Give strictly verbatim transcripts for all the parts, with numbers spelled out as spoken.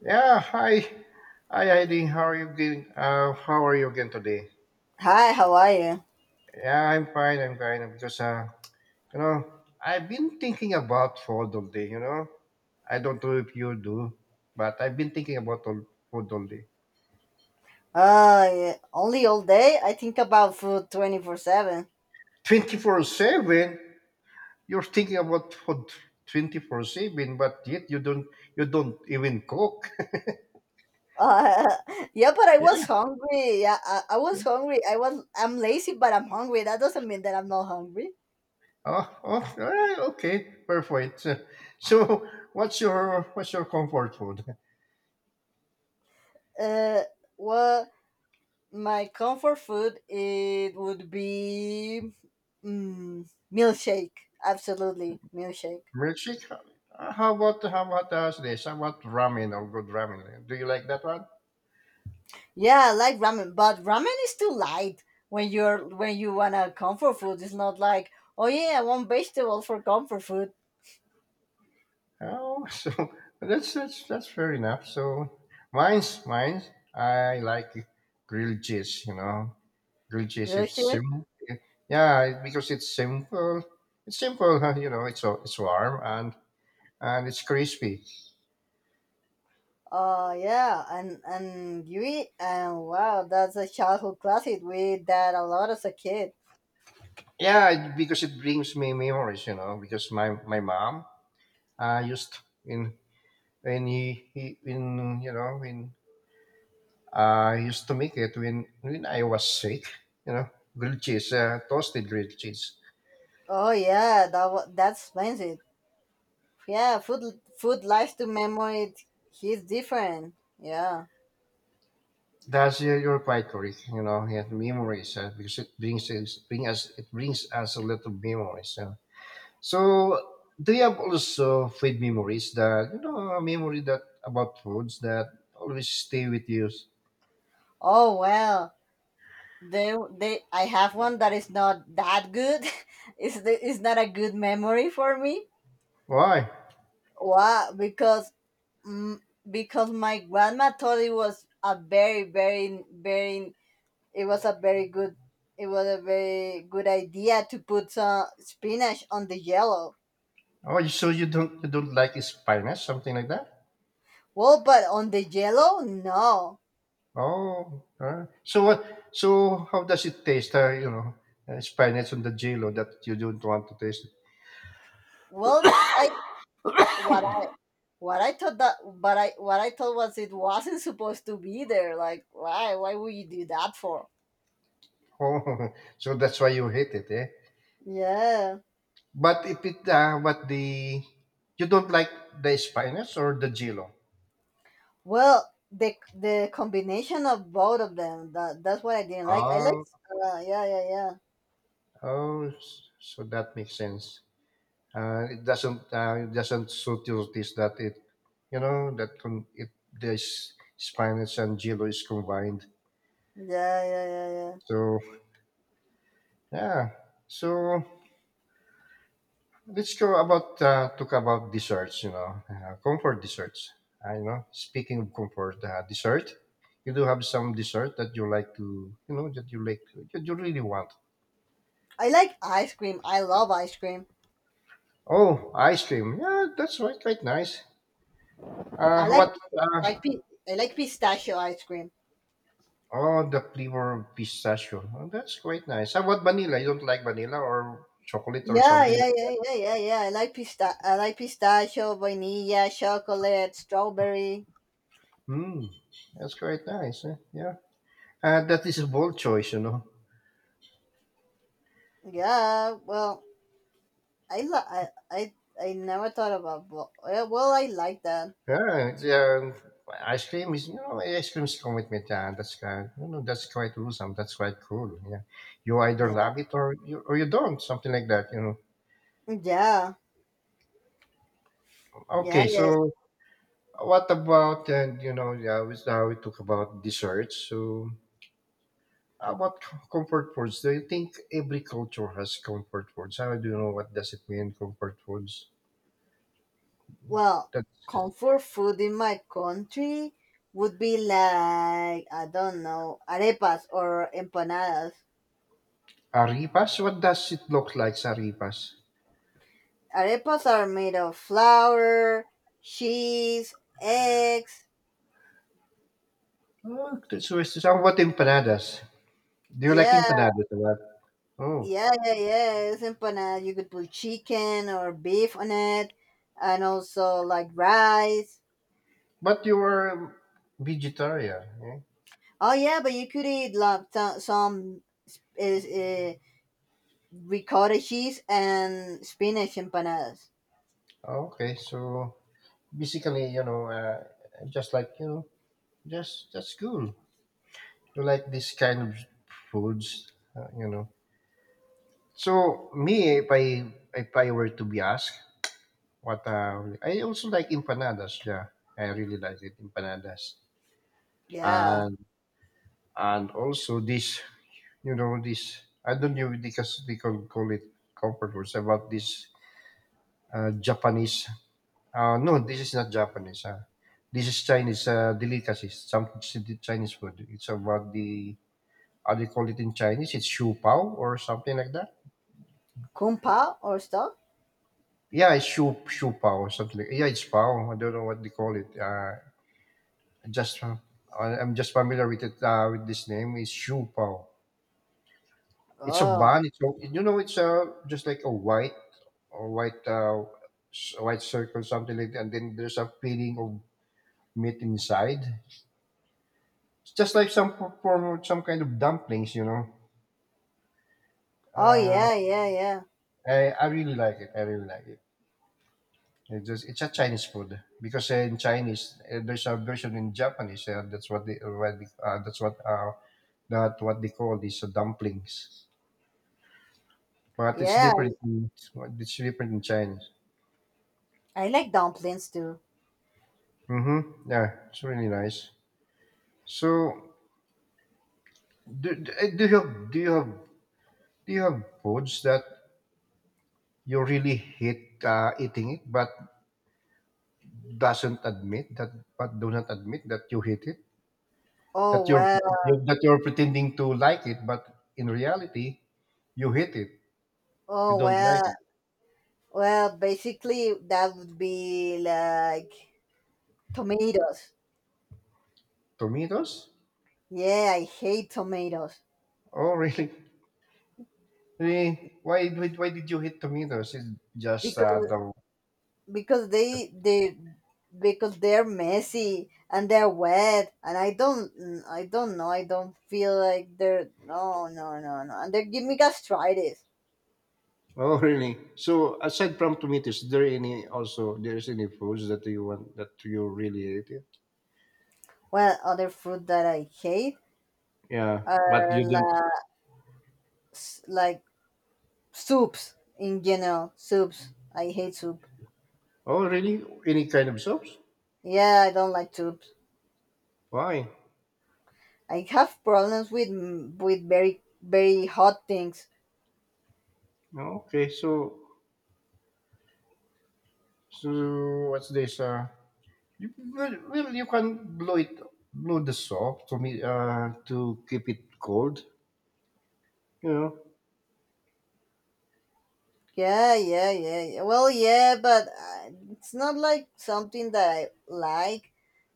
Yeah, hi. Hi, Heidi. How are you doing? Uh, how are you again today? Hi, how are you? Yeah, I'm fine. I'm fine because, uh, you know, I've been thinking about food all day, you know. I don't know if you do, but I've been thinking about all, food all day. Uh, yeah, only all day? I think about food twenty-four seven. twenty-four seven, you're thinking about food twenty-four seven, but yet you don't you don't even cook. Uh, yeah, but I was Yeah. hungry. Yeah, I, I was hungry. I was I'm lazy, but I'm hungry. That doesn't mean that I'm not hungry. Oh, oh, all right, okay, perfect. So, what's your what's your comfort food? Uh, well, my comfort food it would be mm, milkshake. Absolutely, milkshake. Milkshake? Uh, How about how about us this? How about ramen or good ramen? Do you like that one? Yeah, I like ramen, but ramen is too light when you're when you want a comfort food. It's not like, oh yeah, I want vegetable for comfort food. Oh, so that's that's that's fair enough. So mine's mine's. I like grilled cheese. You know, grilled cheese. Grilled It's cheese? simple. Yeah, it- because it's simple. It's simple. huh, You know, it's so, it's warm and and it's crispy. Uh, yeah, and and you eat, and wow, that's a childhood classic. We ate that a lot as a kid. Yeah, it- because it brings me memories, you know. Because my my mom uh, used in when he, he in you know in Uh, I used to make it when when I was sick, you know, grilled cheese, uh, toasted grilled cheese. Oh yeah, that wa- that explains it. Yeah, food food lies to memory. He's different. Yeah. That's uh, You're quite correct, you know. Yeah, memories, uh, because it brings us, bring us it brings us a lot of memories. Uh. So do you have also food memories that, you know, a memory that about foods that always stay with you? Oh well, they they I have one that is not that good. it's the, it's not a good memory for me. Why? Why? Because mm, because my grandma thought it was a very very very it was a very good it was a very good idea to put some spinach on the yellow. Oh, so you don't you don't like spinach, something like that? Well, but on the yellow, no. Oh, alright. So what? So how does it taste? Uh, you know, uh, spinach on the jello that you don't want to taste. Well, it's I what I what I thought that, but I what I thought was it wasn't supposed to be there, like why why would you do that for? Oh, so that's why you hate it, eh? Yeah. But if it, uh, but the you don't like the spinach or the jello? Well, the the combination of both of them, that that's what I didn't like. I like. Oh, uh, Yeah, yeah, yeah, oh, s- so that makes sense. Uh, it doesn't, uh, it doesn't suit your taste, that it, you know, that con- it the s- spinach and jello is combined. yeah, yeah, yeah, yeah. So yeah, so let's go about uh, talk about desserts. You know, uh, comfort desserts. I know. Speaking of comfort uh, dessert, you do have some dessert that you like to, you know, that you like, that you really want. I like ice cream. I love ice cream. Oh, ice cream. Yeah, that's right, quite nice. Uh, I like what? Uh, like pi- I like pistachio ice cream. Oh, the flavor of pistachio. Oh, that's quite nice. How about vanilla? You don't like vanilla or chocolate or Yeah, something? yeah, yeah, yeah, yeah, yeah. I like pista- I like pistachio, vanilla, chocolate, strawberry. Hmm, that's quite nice, eh? Yeah. Uh, that is a bold choice, you know. Yeah, well, I lo- I, I I never thought about bo- yeah, well, I like that. Yeah, it's, um, ice cream is, you know ice cream is come with methane. That's kind, you know, that's quite awesome. That's quite cool. Yeah, you either Yeah. love it or you or you don't. Something like that, you know. Yeah. Yeah, Okay, yeah. so what about, and you know yeah, we, now we talk about desserts. So how about c- comfort foods? Do you think every culture has comfort foods? How do you know what does it mean comfort foods? Well, That comfort food in my country would be like I don't know, arepas or empanadas. arepas. What does it look like? Arepas. Arepas are made of flour, cheese, eggs. Oh, that's, so what about empanadas? Do you like Yeah, empanadas? Oh, yeah, yeah, yeah. It's empanada. You could put chicken or beef on it, and also like rice. but you were vegetarian, eh? Oh yeah, but you could eat like some, some is uh, ricotta cheese and spinach empanadas. Oh, okay, so basically, you know, uh, just like you know, just that's cool. You like this kind of foods, uh, you know. So me, if I if I were to be asked, what uh, I also like empanadas. Yeah, I really like it empanadas, Yeah, and and also this, you know, this I don't know because they call, call it comfort foods about this uh, Japanese Uh, no, this is not Japanese. Uh, this is Chinese, uh, delicacy. Some it's the Chinese food. It's about the how they call it in Chinese. It's shu pao or something like that. kung pao or stuff. Yeah, it's shu shu pao something. Like, yeah, it's pao. I don't know what they call it. Uh, just uh, I- I'm just familiar with it, uh, with this name. It's shu pao. It's a Oh, bun. It's a, you know, it's, uh, just like a white or white, uh, s- white circle something like that. And then there's a filling of meat inside. It's just like some for- form some kind of dumplings, you know. oh Uh, yeah, yeah, yeah, I I really like it. I really like it. It's just it's a Chinese food because, uh, in Chinese, uh, there's a version in Japanese. Uh, that's what they, what they uh, that's what uh, That what they call these, uh, dumplings. But it's yeah. different. In, it's different in Chinese. I like dumplings too. Mm-hmm. Yeah, it's really nice. So do, do eh, do you have do you have do you have foods that you really hate, uh, eating it, but doesn't admit that but do not admit that you hate it, that Oh you're well, you- that you're pretending to like it but in reality you hate it, you oh don't like well. it. Well, basically, that would be like tomatoes. Tomatoes. Yeah, I hate tomatoes. Oh, really? Really, why why, why did you hate tomatoes? It's just uh, because the because they they because they're messy and they're wet and I don't mm, I don't know, I don't feel like they're no, no, no, no, and they give me gastritis. Oh really? So aside from tomatoes, is there any also there's any foods that you want that you really hate it? Well, other fruit that I hate Yeah, but are you don't. like like soups in general. Soups. I hate soup. Oh really, any kind of soups? Yeah, I don't like soup. Why? I have problems with mm, with very very hot things. Okay, so so what's this? Uh, you, well, well, you can blow it, blow the soap to me, uh, to keep it cold. You know. Yeah, yeah, yeah, yeah. Well, yeah, but uh, it's not like something that I like,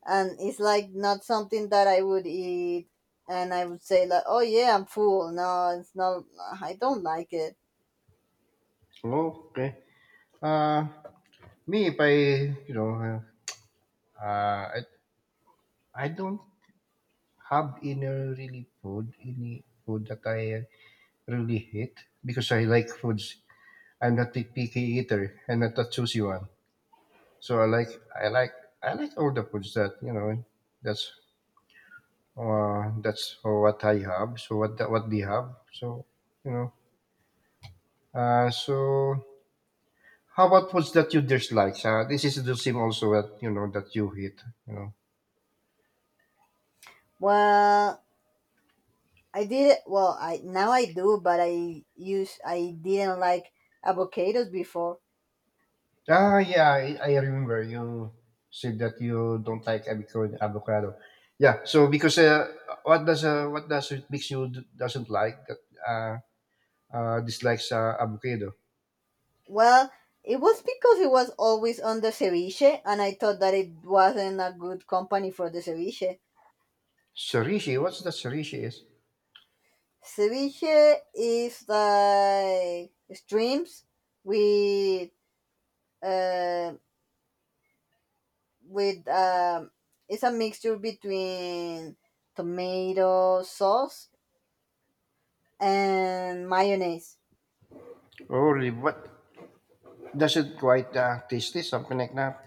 and it's like not something that I would eat, and I would say like, oh yeah, I'm full. No, it's not. I don't like it. Oh, okay. Uh, Me, if I, you know, uh, uh, I, I don't have any really food, any food that I really hate because I like foods. I'm not a picky eater. I'm not a choosy one. So I like, I like, I like all the foods that you know. That's Uh, that's what I have. So what the- what they have. So you know. Uh, so how about foods that you dislike? Uh, this is the same also that you know that you hate, you know. Well, I did it. Well, I now I do, but I use I didn't like avocados before. Ah, yeah, I, I remember you said that you don't like avocado. Avocado. Yeah. So because, uh, what does uh, what does it makes you d- doesn't like that uh, uh dislikes, uh, avocado? Well, it was because it was always on the ceviche, and I thought that it wasn't a good company for the ceviche. Sorishi. What's that? Sorishi is. Ceviche is like streams with uh, with um, it's a mixture between tomato sauce and mayonnaise. Oh, really? What does it quite, uh, tasty? Something like that.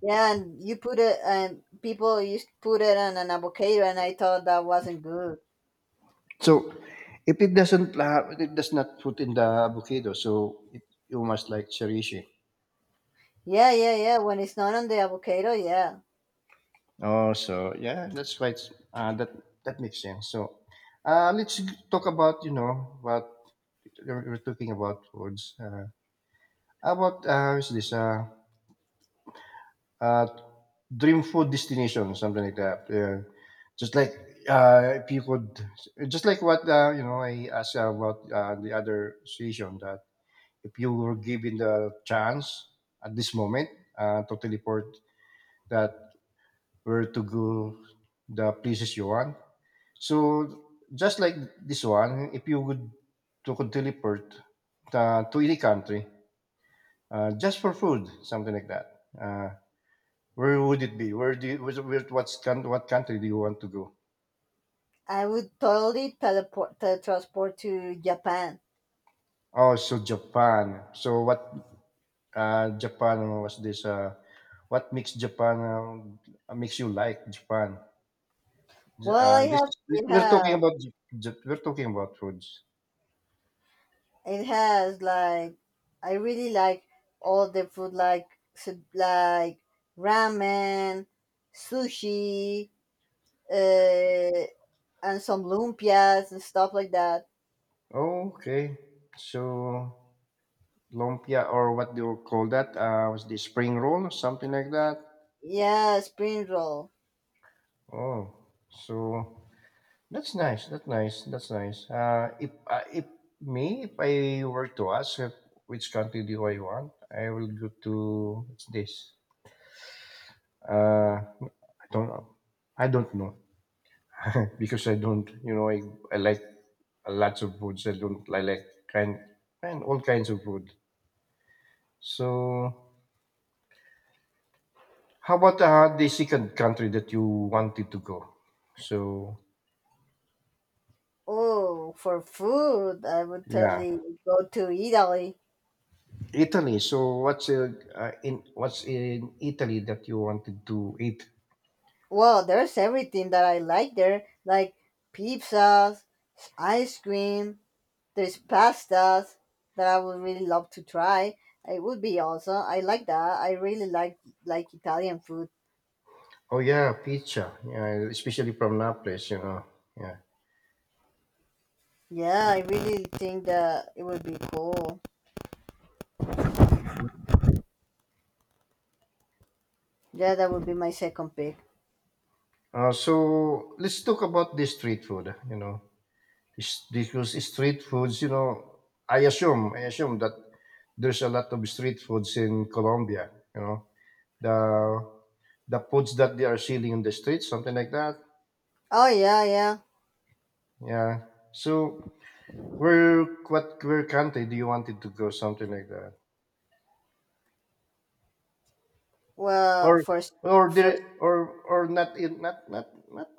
Yeah, and you put it, and people used to put it on an avocado, and I thought that wasn't good. So, if it doesn't uh, it does not put in the avocado, so it, you must like cherish it. Yeah, yeah, yeah. When it's not on the avocado, yeah. Oh, so yeah, that's quite uh, that that makes sense. So, uh, let's talk about, you know, what we're talking about foods. Uh, about uh, Is this, uh, uh, dream food destination, something like that. Yeah. Just like, uh, if you could, just like what, uh, you know, I asked about, uh, the other station, that if you were given the chance at this moment, uh, to teleport that where to go the places you want. So just like this one, if you would to could teleport, uh, to any country, uh, just for food, something like that. Uh, where would it be? Where do you, where, where- What's coun- what country do you want to go? I would totally teleport teletransport to Japan. Oh, so Japan. So what? Uh, Japan was this. Uh, what makes Japan? Um, makes you like Japan? J Well, I uh, this have is it We are talking has about Jap Jap we're talking about foods. it has like I really like all the food, like su- like ramen, sushi, uh, and some lumpias and stuff like that. Okay. So, lumpia or what do you call that? Uh, was the spring roll something like that? Yeah, spring roll. Oh, so that's nice, that's nice, that's nice. Uh, if uh, if me, if I were to ask if which country do I want, I will go to what's this? Uh, I don't know. I don't know. Because I don't, you know, I, I like lots of foods. I don't I like kind and all kinds of food. So, how about, uh, the second country that you wanted to go? So, Oh, for food, I would yeah, totally go to Italy. Italy. So, what's uh, uh, in what's in Italy that you wanted to eat? Well, there's everything that I like there, like pizzas, ice cream, there's pastas that I would really love to try. It would be awesome. I like that. I really like like Italian food. Oh yeah, pizza. Yeah, especially from Naples, you know. Yeah. Yeah, I really think that it would be cool. Yeah, that would be my second pick. Uh, so let's talk about the street food. You know, is because street foods, you know, I assume, I assume that there's a lot of street foods in Colombia. You know, the the foods that they are selling in the streets, something like that. Oh yeah, yeah. Yeah. So where what where country do you want it to go? Something like that, Well, or first, or the first. or or not in not not not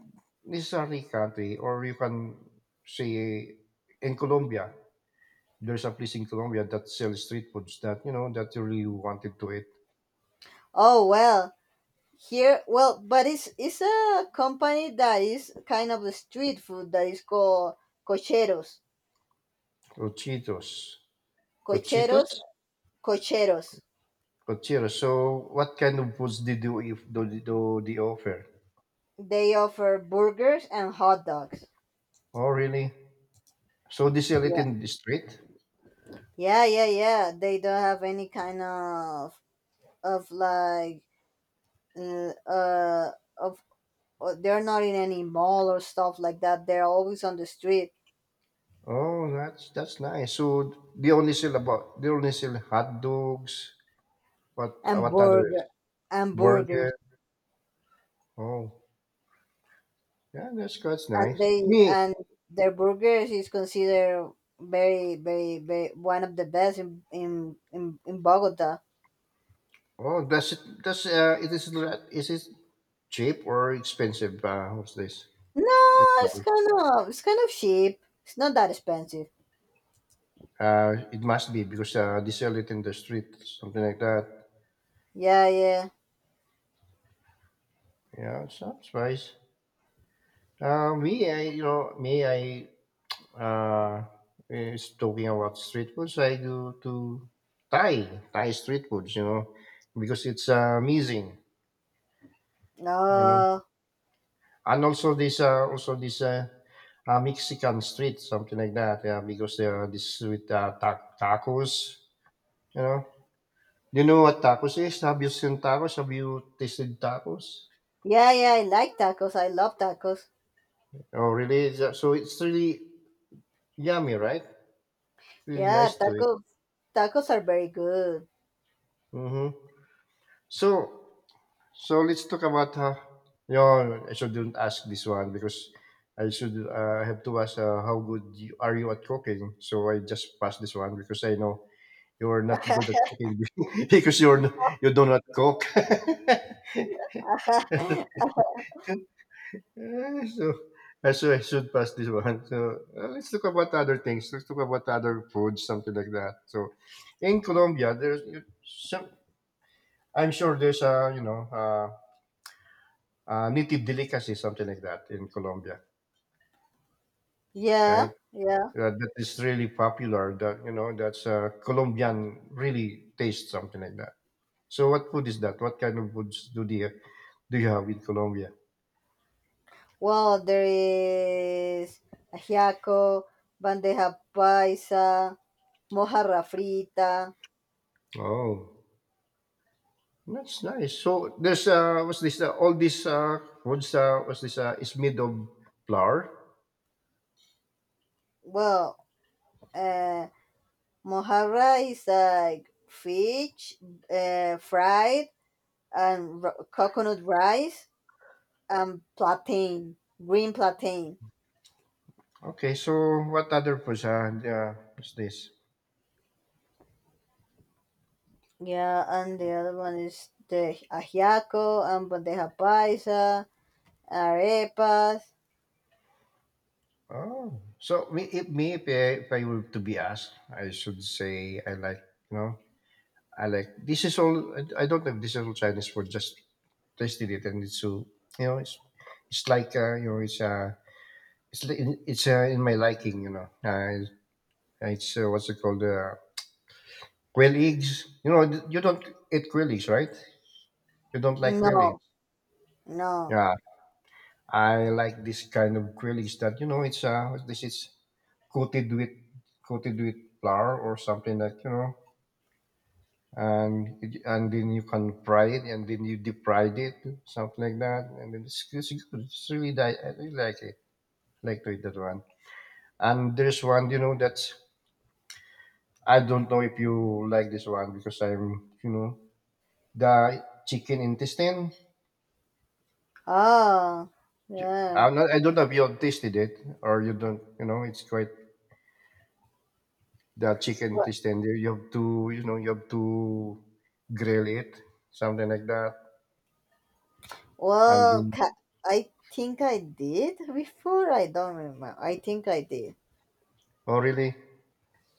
necessarily country, or you can say in Colombia. There's a place in Colombia that sells street foods that you know that you really wanted to eat. Oh well, here. Well, but it's it's a company that is kind of a street food that is called Cocheros. Cochitos. Cochitos? Cocheros, Cocheros. Cochitos. So, what kind of foods did you if do, do they offer? They offer burgers and hot dogs. Oh, really? So they sell it Yeah. in the street? Yeah, yeah, yeah. They don't have any kind of, of like uh, uh of uh, they're not in any mall or stuff like that. They're always on the street, Oh, that's that's nice. So they only sell about they only sell hot dogs. What and what others? burger and Burger? burgers, Oh, yeah, that's that's and nice. they Me? and their burgers is considered very very very one of the best in in in, in Bogota. Oh, does it does uh it is la- is it cheap or expensive? Uh, what's this? The No, it's price. kind of it's kind of cheap. It's not that expensive. Uh, it must be because, uh, they sell it in the street, something like that. Yeah, yeah. Yeah, it's not spice. Uh, me, I you know me, I uh is talking about street foods. I go to Thai Thai street foods, you know, because it's, uh, amazing, you know. No. And also this, uh, also this uh, uh, Mexican street, something like that. Yeah, because there are this with, uh, ta- tacos, you know. Do you know what tacos is? Have you seen tacos? Have you tasted tacos? Yeah, yeah, I like tacos. I love tacos. Oh, really? Is that- So it's really yummy, right? Really Yeah, nice to it. tacos. Tacos are very good. Mm-hmm. So, so let's talk about uh, your. I shouldn't ask this one because I should. Uh, I have to ask uh, how good you, are you at cooking. So I just pass this one because I know you are not good at cooking because you're n- you do not cook. Uh, so I should, I should pass this one. So uh, let's talk about other things. Let's talk about other foods, something like that. So in Colombia, there's some. I'm sure there's a you know. Uh, uh, native delicacy, something like that in Colombia, right? yeah, yeah. Uh, that is really popular. That you know, that's uh, Colombian really taste something like that. So, what food is that? What kind of foods do they do you have in Colombia? Well, there is ajiaco, bandeja paisa, mojarra frita. Oh, that's nice. So there's uh, what's this? Uh, all this uh, foods uh, what's this? Uh, is made of flour. Well, uh, mojarra is like fish, uh, fried, and r- coconut rice, and plantain, green plantain. Okay, so what other foods? Uh, yeah, what's this? Yeah, and the other one is the ajiaco and bandeja paisa, arepas. Oh, so me, if me, if I, if I were to be asked, I should say I like you know I like this is all. I I don't know. If This is all Chinese food. Just tasted it, and it's so you know, it's it's like uh, you know, it's uh, it's li- in- it's uh, in my liking. You know, uh, it's uh, what's it called? Uh, quail eggs. You know, th- you don't eat quail eggs, right? You don't like quail eggs. No, no. Yeah, I like this kind of quail eggs that you know, it's uh, this is coated with coated with flour or something that you know. and it- and then you can fry it, and then you deep fry it, something like that, and then it's, it's good. It's really di- I really like it. I like to eat that one. And there's one, you know, that's I don't know if you like this one because I'm, you know, the chicken intestine. Oh, yeah. I'm not. I don't know if you have tasted it or you don't. You know, it's quite the chicken Well, intestine. You you have to, you know, you have to grill it, something like that, and well, ca- then. I think I did before. I don't remember. I think I did. Oh, really?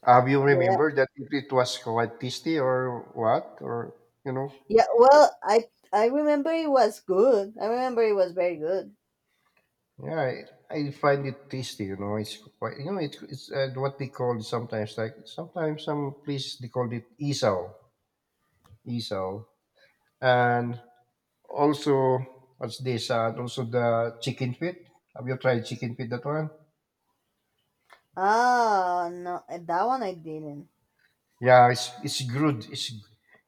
Have you Yeah, remembered that if it was quite tasty or what or you know? yeah. Well, I I remember it was good. I remember it was very good. Yeah, I, I find it tasty. You know, it's quite you know it, it's uh, what they call sometimes like sometimes some places they call it isaw, isaw, and also what's this? Uh, and also the chicken feet. Have you tried chicken feet? That one? Ah, no, eh, that one I didn't. Yeah, it's it's good. It's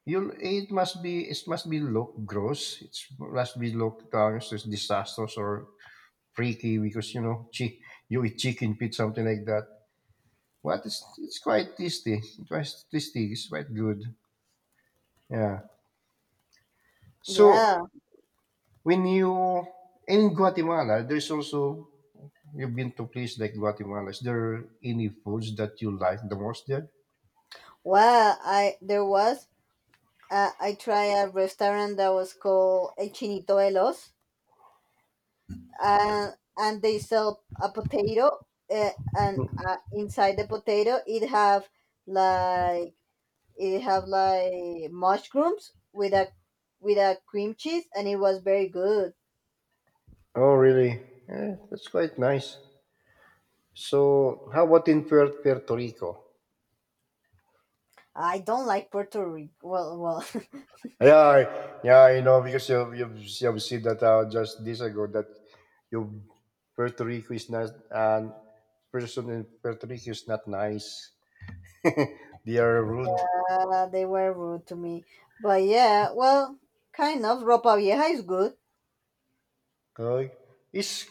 you. It must be. It must be look gross. It must be look uh, it's just disastrous or freaky because you know chi- you eat chicken feet something like that. But it's it's quite tasty. It's quite tasty. It's quite good. Yeah. Yeah. So when you in Guatemala, there's also you've been to places like Guatemala. Is there any foods that you like the most there? Well, I there was. Uh, I tried a restaurant that was called El Chinito de Los. Uh, and they sell a potato, uh, and uh, inside the potato it have like it have like mushrooms with a with a cream cheese, and it was very good. Oh, really? Eh, that's quite nice. So, how about in Puer- Puerto Rico? I don't like Puerto Rico. Well well Yeah, yeah, you know because you've you've, you've seen that uh, just days ago that you Puerto Rico is not and person in Puerto Rico is not nice. they are rude. uh, they were rude to me. But yeah, well, kind of ropa vieja is good. Okay. Is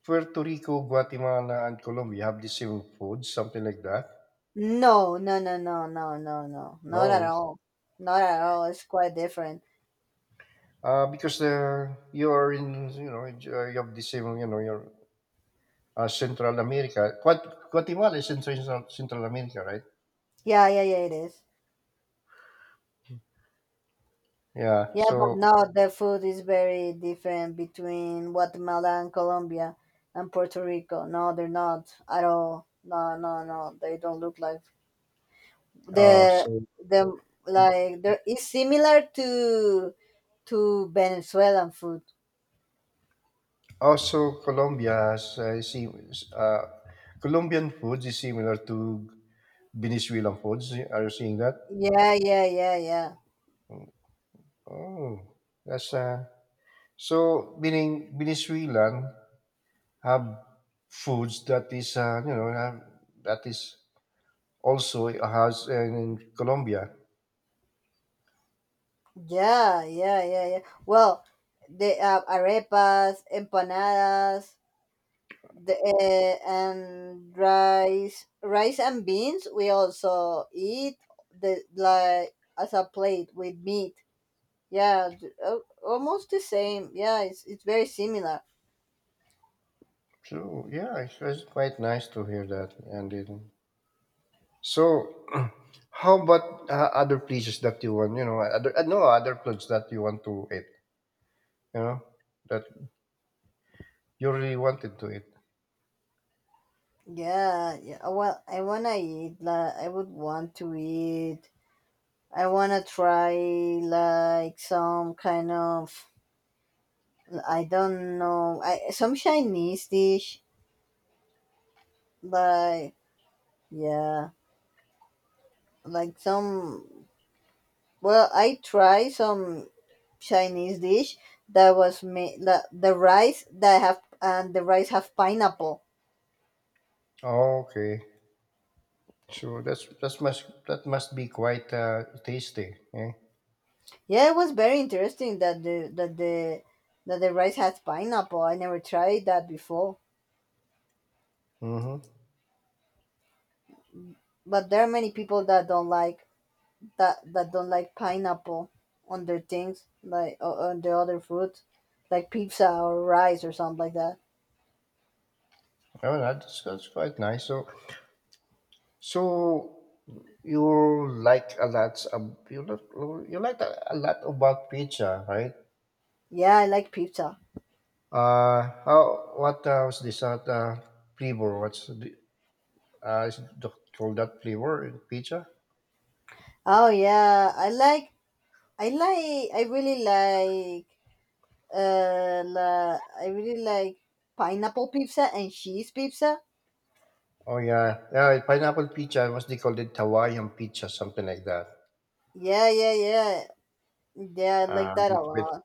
Puerto Rico, Guatemala, and Colombia have the same food, something like that? No, no, no, no, no, no, no, not at Oh, all. Not at all, it's quite different. uh, because uh, you are in, you know, you have the same, you know, your uh, Central America. Guat- Guatemala is in Central Central America, right? Yeah, yeah, yeah, it is. Yeah. Yeah, but So, now the food is very different between Guatemala and Colombia and Puerto Rico. No, they're not at all. No, no, no. They don't look like uh, the so the like there is similar to to Venezuelan food. Also, Colombia has uh, sim- uh, Colombian foods is similar to Venezuelan foods. Are you seeing that? Yeah, yeah, yeah, yeah. Oh, that's uh, so meaning Venezuelan have foods that is uh, you know have, that is also has in Colombia. Yeah, yeah, yeah, yeah. Well, the uh, arepas, empanadas, the uh, and rice rice and beans we also eat the like as a plate with meat, yeah, th- al- almost the same, yeah, it's, it's very similar. So yeah, it's, it's quite nice to hear that. And then, so, how about uh, other places that you want? You know, other uh, no other places that you want to eat. You know that you really wanted to eat Yeah, yeah. Uh, well, i wanna eat like I would want to eat. I wanna try like some kind of, I don't know, I, some Chinese dish, like, yeah, like some. Well I try some Chinese dish that was made the, the rice that have, and the rice have pineapple. Oh, okay so that's that's must that must be quite uh, tasty eh? Yeah, it was very interesting that the that the that the rice has pineapple. I never tried that before. Mm-hmm. But there are many people that don't like that that don't like pineapple on their things, like o- on the other food, like pizza or rice or something like that. Oh that's, that's quite nice so so you like a lot Um, you lo- you like a, a lot about pizza right Yeah, I like pizza. uh how what uh, was this uh, uh, flavor what's the uh is it the- called that flavor in pizza Oh yeah, I like I like I really like and uh, I really like pineapple pizza and cheese pizza. oh yeah yeah pineapple pizza What's they called it hawaiian pizza something like that Yeah, yeah, yeah, yeah. I like uh, that a with, with lot.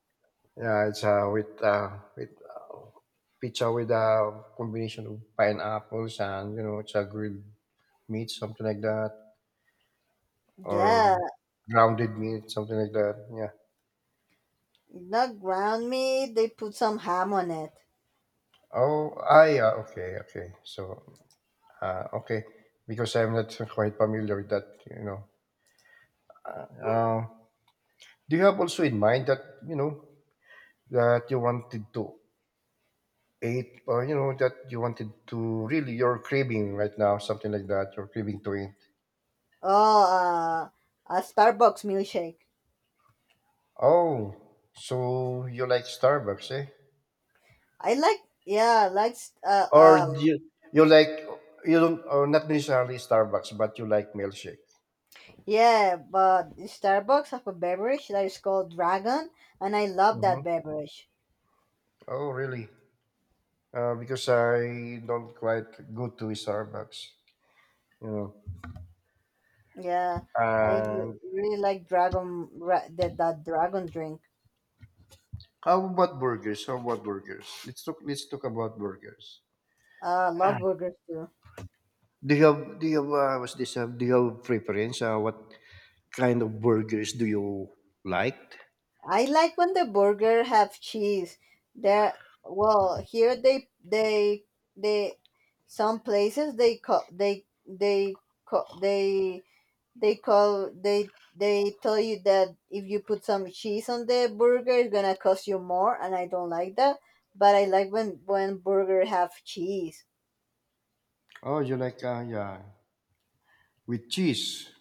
yeah, it's uh, with uh, with uh, pizza with a combination of pineapples and you know it's a grilled meat, something like that, Yeah, or grounded meat, something like that. Yeah. not ground meat. They put some ham on it. Oh, ah, yeah. Okay, okay. So, uh, okay, because I'm not quite familiar with that. You know. Uh, do you have also in mind that you know that you wanted to eat, or you know that you wanted to really you're craving right now, something like that. You're craving to eat. Oh, uh, a Starbucks milkshake. Oh, so you like Starbucks, eh? I like. Yeah, I like. s- Uh, Or um. you you like you don't or not necessarily Starbucks, but you like milkshake. Yeah, but Starbucks have a beverage that is called Dragon, and I love Mm-hmm. that beverage. Oh, really? Uh, because I don't quite go to Starbucks, you know. Yeah, I And re- really like Dragon. Ra- that that Dragon drink. how about burgers? How about burgers? Let's talk. Let's talk about burgers. Uh, I love burgers too. Do you have do you have uh, what's this? Uh, do you have preference? Uh, what kind of burgers do you like? I like when the burger have cheese. There, well, here they they they some places they call they they call they they call they they tell you that if you put some cheese on the burger, it's gonna cost you more, and I don't like that. But I like when when burger have cheese. Oh, you like uh, yeah with cheese.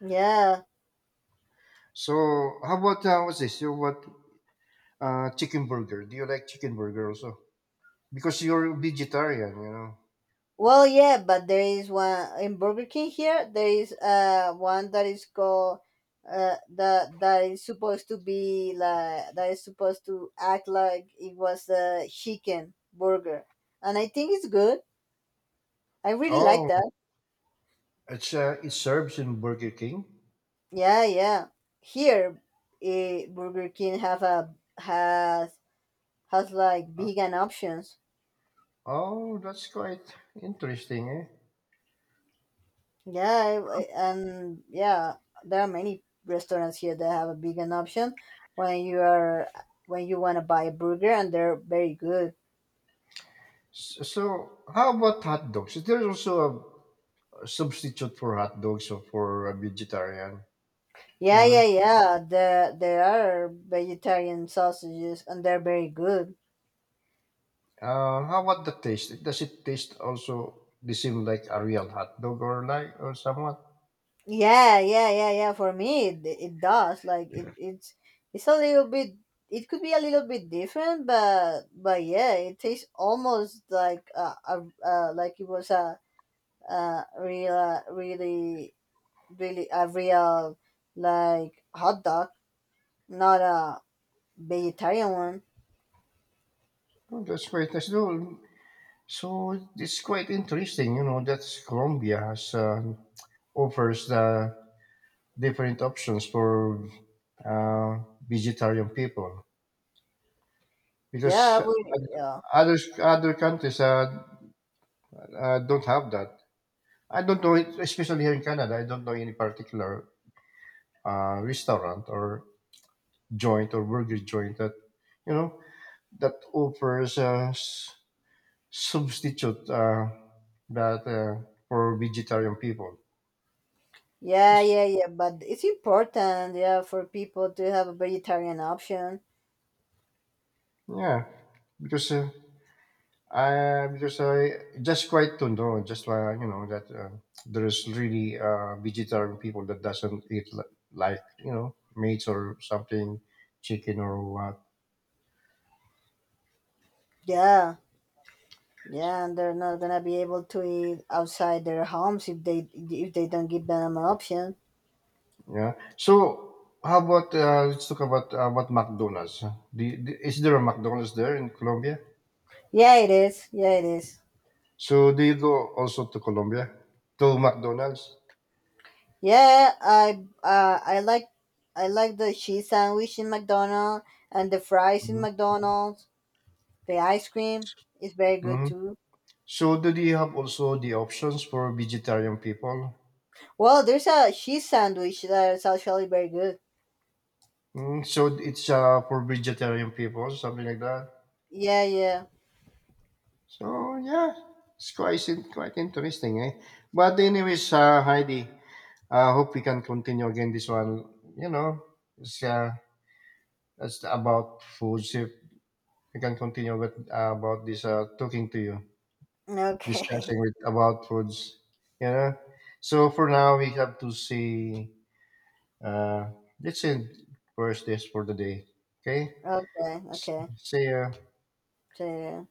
Yeah, So how about uh, what's this? You what uh chicken burger? Do you like chicken burger also? Because you're vegetarian, you know. well, yeah, but there is one in Burger King here. There is uh one that is called uh that that is supposed to be like that is supposed to act like it was a chicken burger, and I think it's good. I really like Oh, that. it's uh, it serves in Burger King. Yeah, yeah. Here, eh, Burger King have a has has like vegan options. Oh, that's quite interesting, eh? Yeah, I- I- and yeah, there are many restaurants here that have a vegan option when you are when you want to buy a burger, and they're very good. S- So how about hot dogs? Is there also a substitute for hot dogs or for a vegetarian? You Yeah, yeah, know? yeah. There there are vegetarian sausages, and they're very good. Uh, how about the taste? Does it taste also the same like a real hot dog or like or somewhat? Yeah, yeah, yeah, yeah. For me, it, it does. Like it, it's it's a little bit. It could be a little bit different, but but yeah, it tastes almost like a, a, a, like, it was a, a real uh, really really a real, like, hot dog, not a vegetarian one. Oh, that's quite nice. No, so it's quite interesting, you know, that Colombia has uh, offers the different options for uh, vegetarian people Yeah, because we, yeah, other other countries uh, uh, don't have that. I don't know, it, especially here in Canada. I don't know any particular uh, restaurant or joint or burger joint that you know that offers a s- substitute uh, that uh, for vegetarian people. yeah, yeah, yeah. But it's important, yeah, for people to have a vegetarian option. Yeah, because uh, I because I just quite to know just uh, you know that uh, there is really uh, vegetarian people that doesn't eat li- like you know meat or something, chicken or what. Yeah, yeah, and they're not gonna be able to eat outside their homes if they if they don't give them an option. Yeah. So how about uh, let's talk about uh, about McDonald's. Do you- do- is there a McDonald's there in Colombia? Yeah, it is. Yeah, it is. So do you go also to Colombia to McDonald's? Yeah, I uh, I like I like the cheese sandwich in McDonald's and the fries in Mm-hmm. McDonald's. The ice cream is very good Mm-hmm. too. So do they have also the options for vegetarian people? Well, there's a cheese sandwich that is actually very good. Mm, so it's uh, for vegetarian people, something like that. Yeah, yeah. So yeah, it's quite in- quite interesting, eh? But anyways, uh, Heidi, I hope we can continue again this one. You know, it's uh, it's about food. If we can continue with uh, about this uh, talking to you, Okay. discussing with about foods. You know, so for now we have to see. Uh, let's end first this for the day. Okay, Okay, okay. see ya. So, yeah.